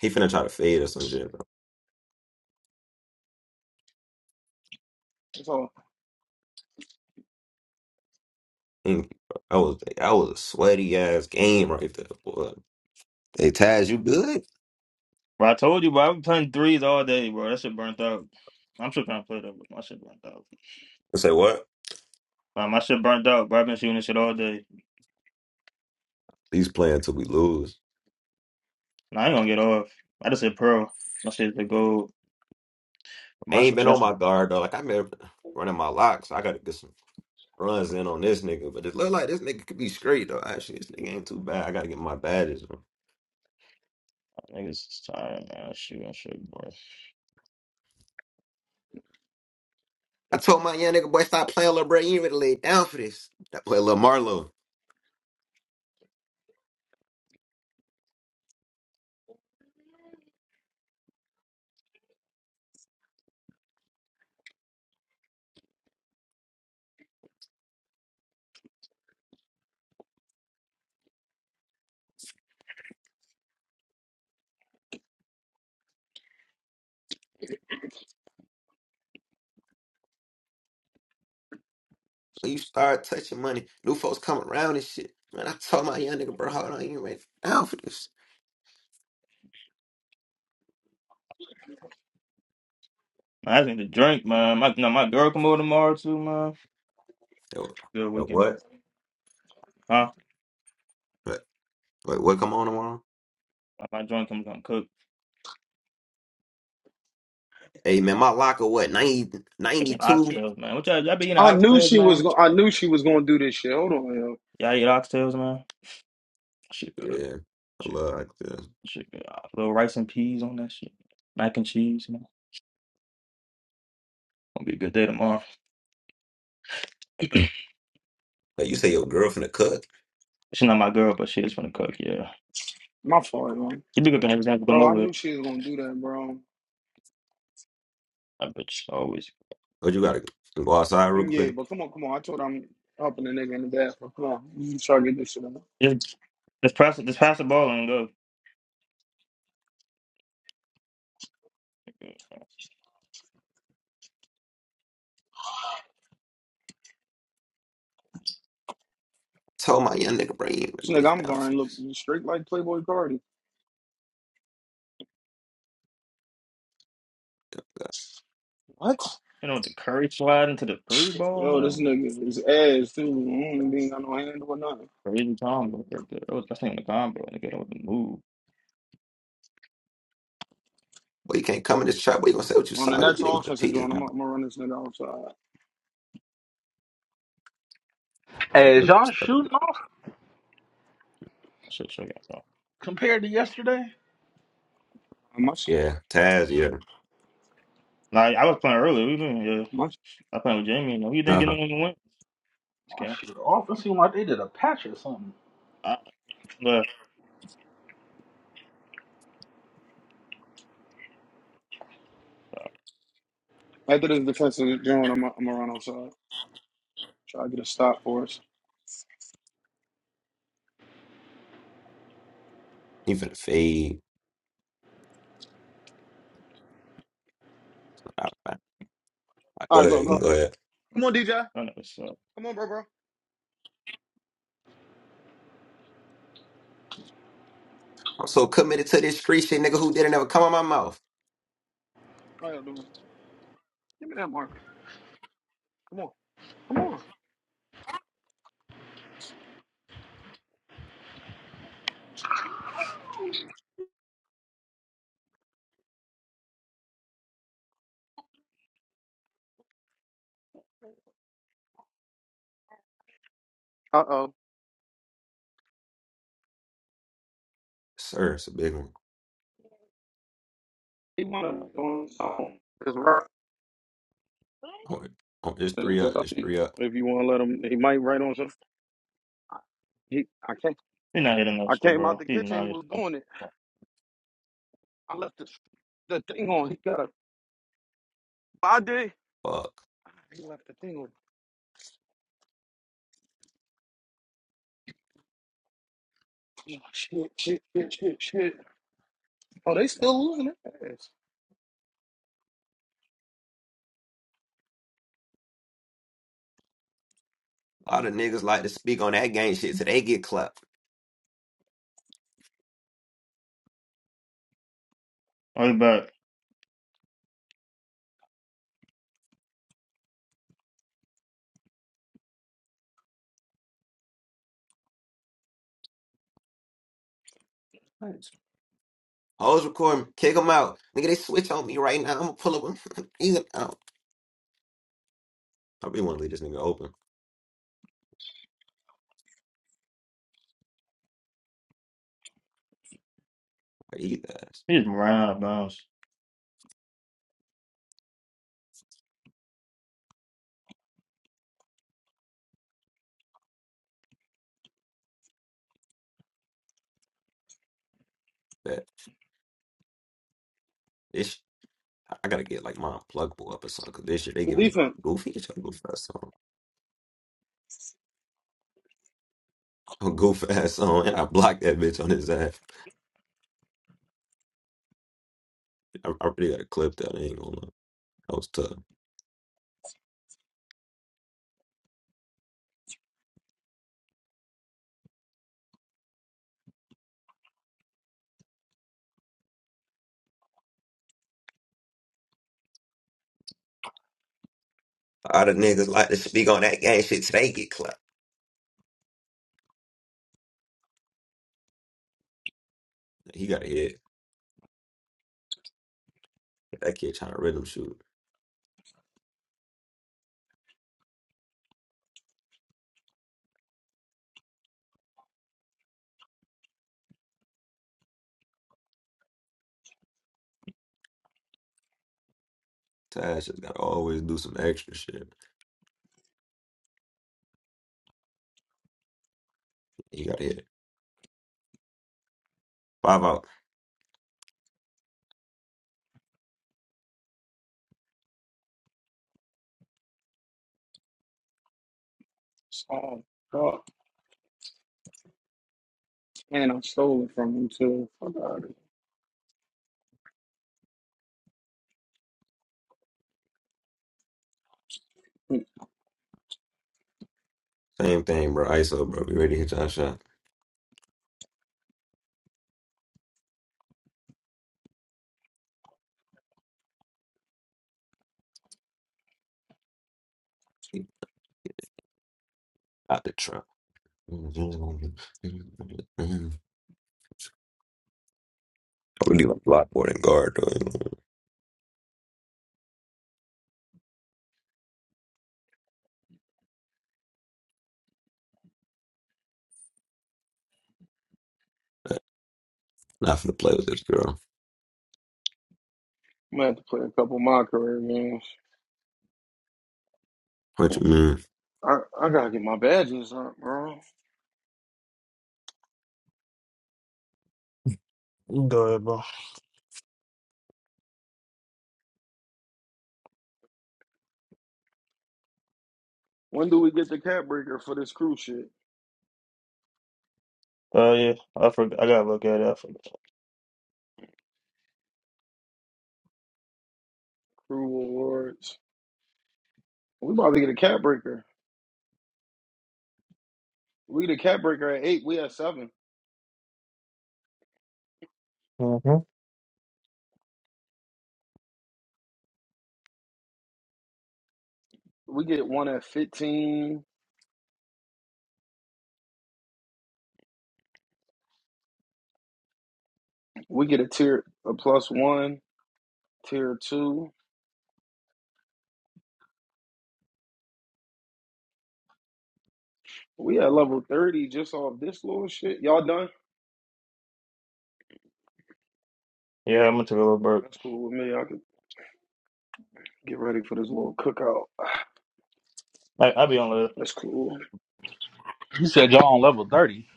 He finna try to fade or some shit, bro. That's all. Mm, That was that was a sweaty ass game right there. Boy. Hey Taz, you good? But I told you, bro, I've been playing threes all day, bro. That shit burnt out. I'm still trying to play that, but my shit burnt out. I say what? Bro, my shit burnt out, bro. I've been shooting this shit all day. He's playing till we lose. Nah, I ain't gonna get off. I just hit pearl. My shit's the gold. But I my ain't shit's been on just my guard though. Like I've been running my locks. I gotta get some runs in on this nigga. But it look like this nigga could be straight though. Actually, this nigga ain't too bad. I gotta get my badges. niggas is tired, man. Shoot, i shit, bro. I told my young nigga boy, stop playing, little bro. You ain't ready to lay down for this. That boy, little Marlo. When you start touching money, new folks come around and shit. Man, I told my young nigga, bro, hold on, you ain't ready down for this. Man, I just need to drink, man. My no, my girl come over tomorrow too, man. Yo, Good yo, weekend, dude. what? huh? What? Wait, what? Come on tomorrow? Nah, My joint come come cook. Hey, man, my locker, what, 90 It's ninety an two? oxtails, man. What y'all, y'all be eating I knew oxtails, she was. man? Go- I knew she was going to do this shit. Hold on, yo. Y'all eat oxtails, man? Shit, good. Yeah, I Shit, love like this. shit, good. Little rice and peas on that shit. Mac and cheese, man. Gonna be a good day tomorrow. She's But you say your girlfriend a cook? not my girl, but she is from the cook. Yeah, my fault, man. she be cooking every time she come bro. I over. knew she was going to do that, bro. I bet she always. But you gotta go outside real Yeah, quick. but come on, come on. I told her I'm helping the nigga in the bathroom. Come on, you try to get this shit on. Just, just pass, just pass the ball and go. told my young nigga, bro, you ain't ready This to lay nigga, I'm down for going look this. straight like Playboy Cardi. What? You know, with the curry slide into the three ball, Yo, this bro. nigga is ass too. Mm, he ain't got no handle or nothing. Crazy combo right there. That was best thing in the combo. And get with the move. Boy, you can't come in this trap, boy, you gonna say what you On the saw, young next nigga. offensive Peter joint, I'm, out. gonna- I'm gonna run this nigga outside. Hey, is y'all shooting off I should show y'all. Though. compared to yesterday? I'm my shit. Yeah, Taz, yeah. Nah, I was playing earlier. We been yeah. My shit. I playing with Jamie. You know, you didn't get Uh-huh. anyone to win. Oh, Okay, shit, offense seemed like they did a patch or something. I, but After this defensive joint, I'm, gonna- I'm gonna run outside. Try to get a stop for us. Even the fade. All right. All right, All Go right, ahead. go, You can go. go ahead. Come on, DJ. I don't know what's up. Come on, bro, bro. All I'm so committed to this street shit, nigga, who didn't ever come on my mouth. right, I'll doing? Give me that marker. Come on, come on. Uh oh. Sir, it's a big one. He wanna go on something. It's right. Oh, it- oh, it's three It's up. it's up It's to you. three up. If you wanna let him, he might write on something. I- He, I came, He's not hitting I us, though, came out bro. the He's kitchen. not He hitting was us. doing it. I left the the thing on. He got a body. Fuck. He left the thing on. Oh, shit, shit, shit, shit, shit. Oh, they still losing their ass. A lot of niggas like to speak on that gang shit so they get clapped. Oh, he's back. Hoes recording, kick them out. Nigga, they switch on me right now. I'm gonna pull up. Either out. I really wanna leave this nigga open. Like, eat that. ass. He's round of bounds. Bet. This, sh- I I gotta get like my unpluggable up or something, cause this shit, they The giving the defense. goofy, it's a goof ass song. A goof ass song, and I blocked that bitch on his ass. I, I really got clipped out. I ain't gonna lie. That was tough. All the niggas like to speak on that gang shit today get clapped. He got a hit. That kid trying to rhythm shoot. Tash just gotta always do some extra shit. He got a hit. Five out. Oh, God. Man, I stole it from him, too. Fuck out of here. Same thing, bro. ISO, bro. We ready to hit y'all shot. Out the trap. We need like a lot more than guard though. Not finna play with this girl. I'm going to have to play a couple of my career games. What you mean? I, I got to get my badges up, bro. You Good, bro. When do we get the cat breaker for this crew shit? Oh yeah, I forgot. I gotta look at it. I forgot. Crew awards. We about to get a cat breaker. We get a cat breaker at eight. We at seven. hmm We get one at fifteen. We get a tier a plus one, tier two. We at level thirty just off this little shit. Y'all done? Yeah, I'm gonna take a little break. That's cool with me. I could get ready for this little cookout. I I be on. the That's cool. You said y'all on level 30.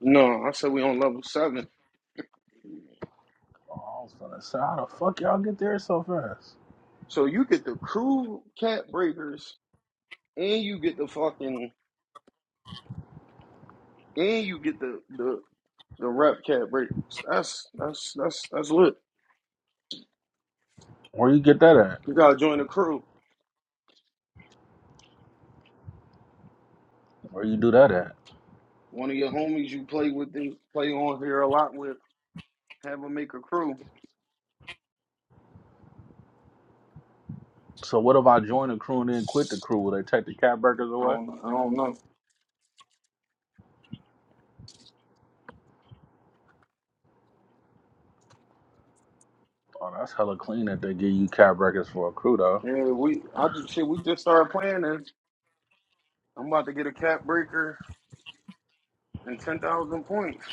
No, I said we on level seven. Oh, I was gonna say, how the fuck y'all get there so fast? So you get the crew cat breakers and you get the fucking and you get the the The rep cat breaks. That's that's that's that's lit. Where you get that at? You gotta join the crew. Where you do that at? One of your homies you play with, they play on here a lot with. Have them make a crew. So what if I join the crew and then quit the crew? Will they take the cat breakers I away? don't I don't know. Oh, that's hella clean that they give you cat breakers for a crew though. Yeah, we I just shit. We just started playing this. I'm about to get a cat breaker and ten thousand points.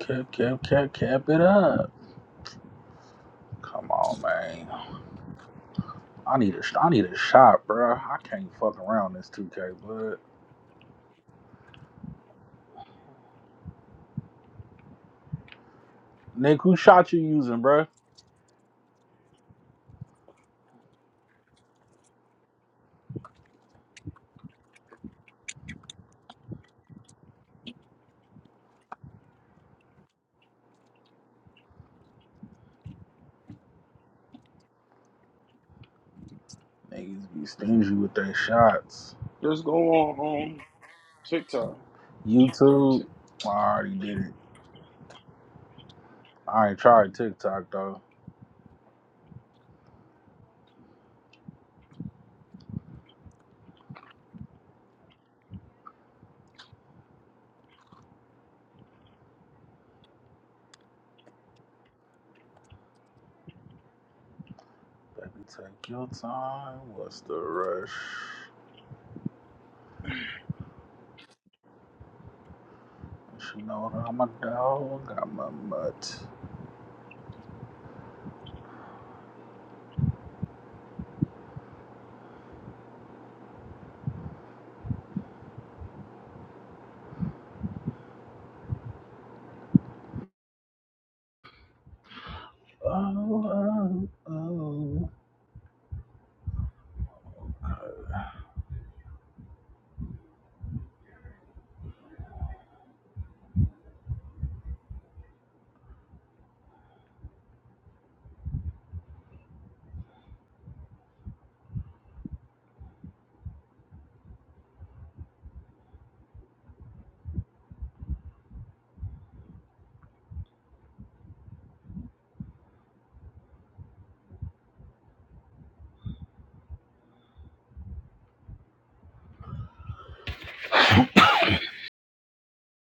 Cap, cap, cap, cap it up. Come on, man. I need a, sh- I need a shot, bruh. I can't fuck around this 2K, but Nick, who shot you using, bruh? Niggas be stingy with their shots. Just go on um TikTok. YouTube, I already did it. I ain't tried TikTok though. Baby, take your time. What's the rush? She know that I'm a dog. I'm a mutt. Oh, oh, oh.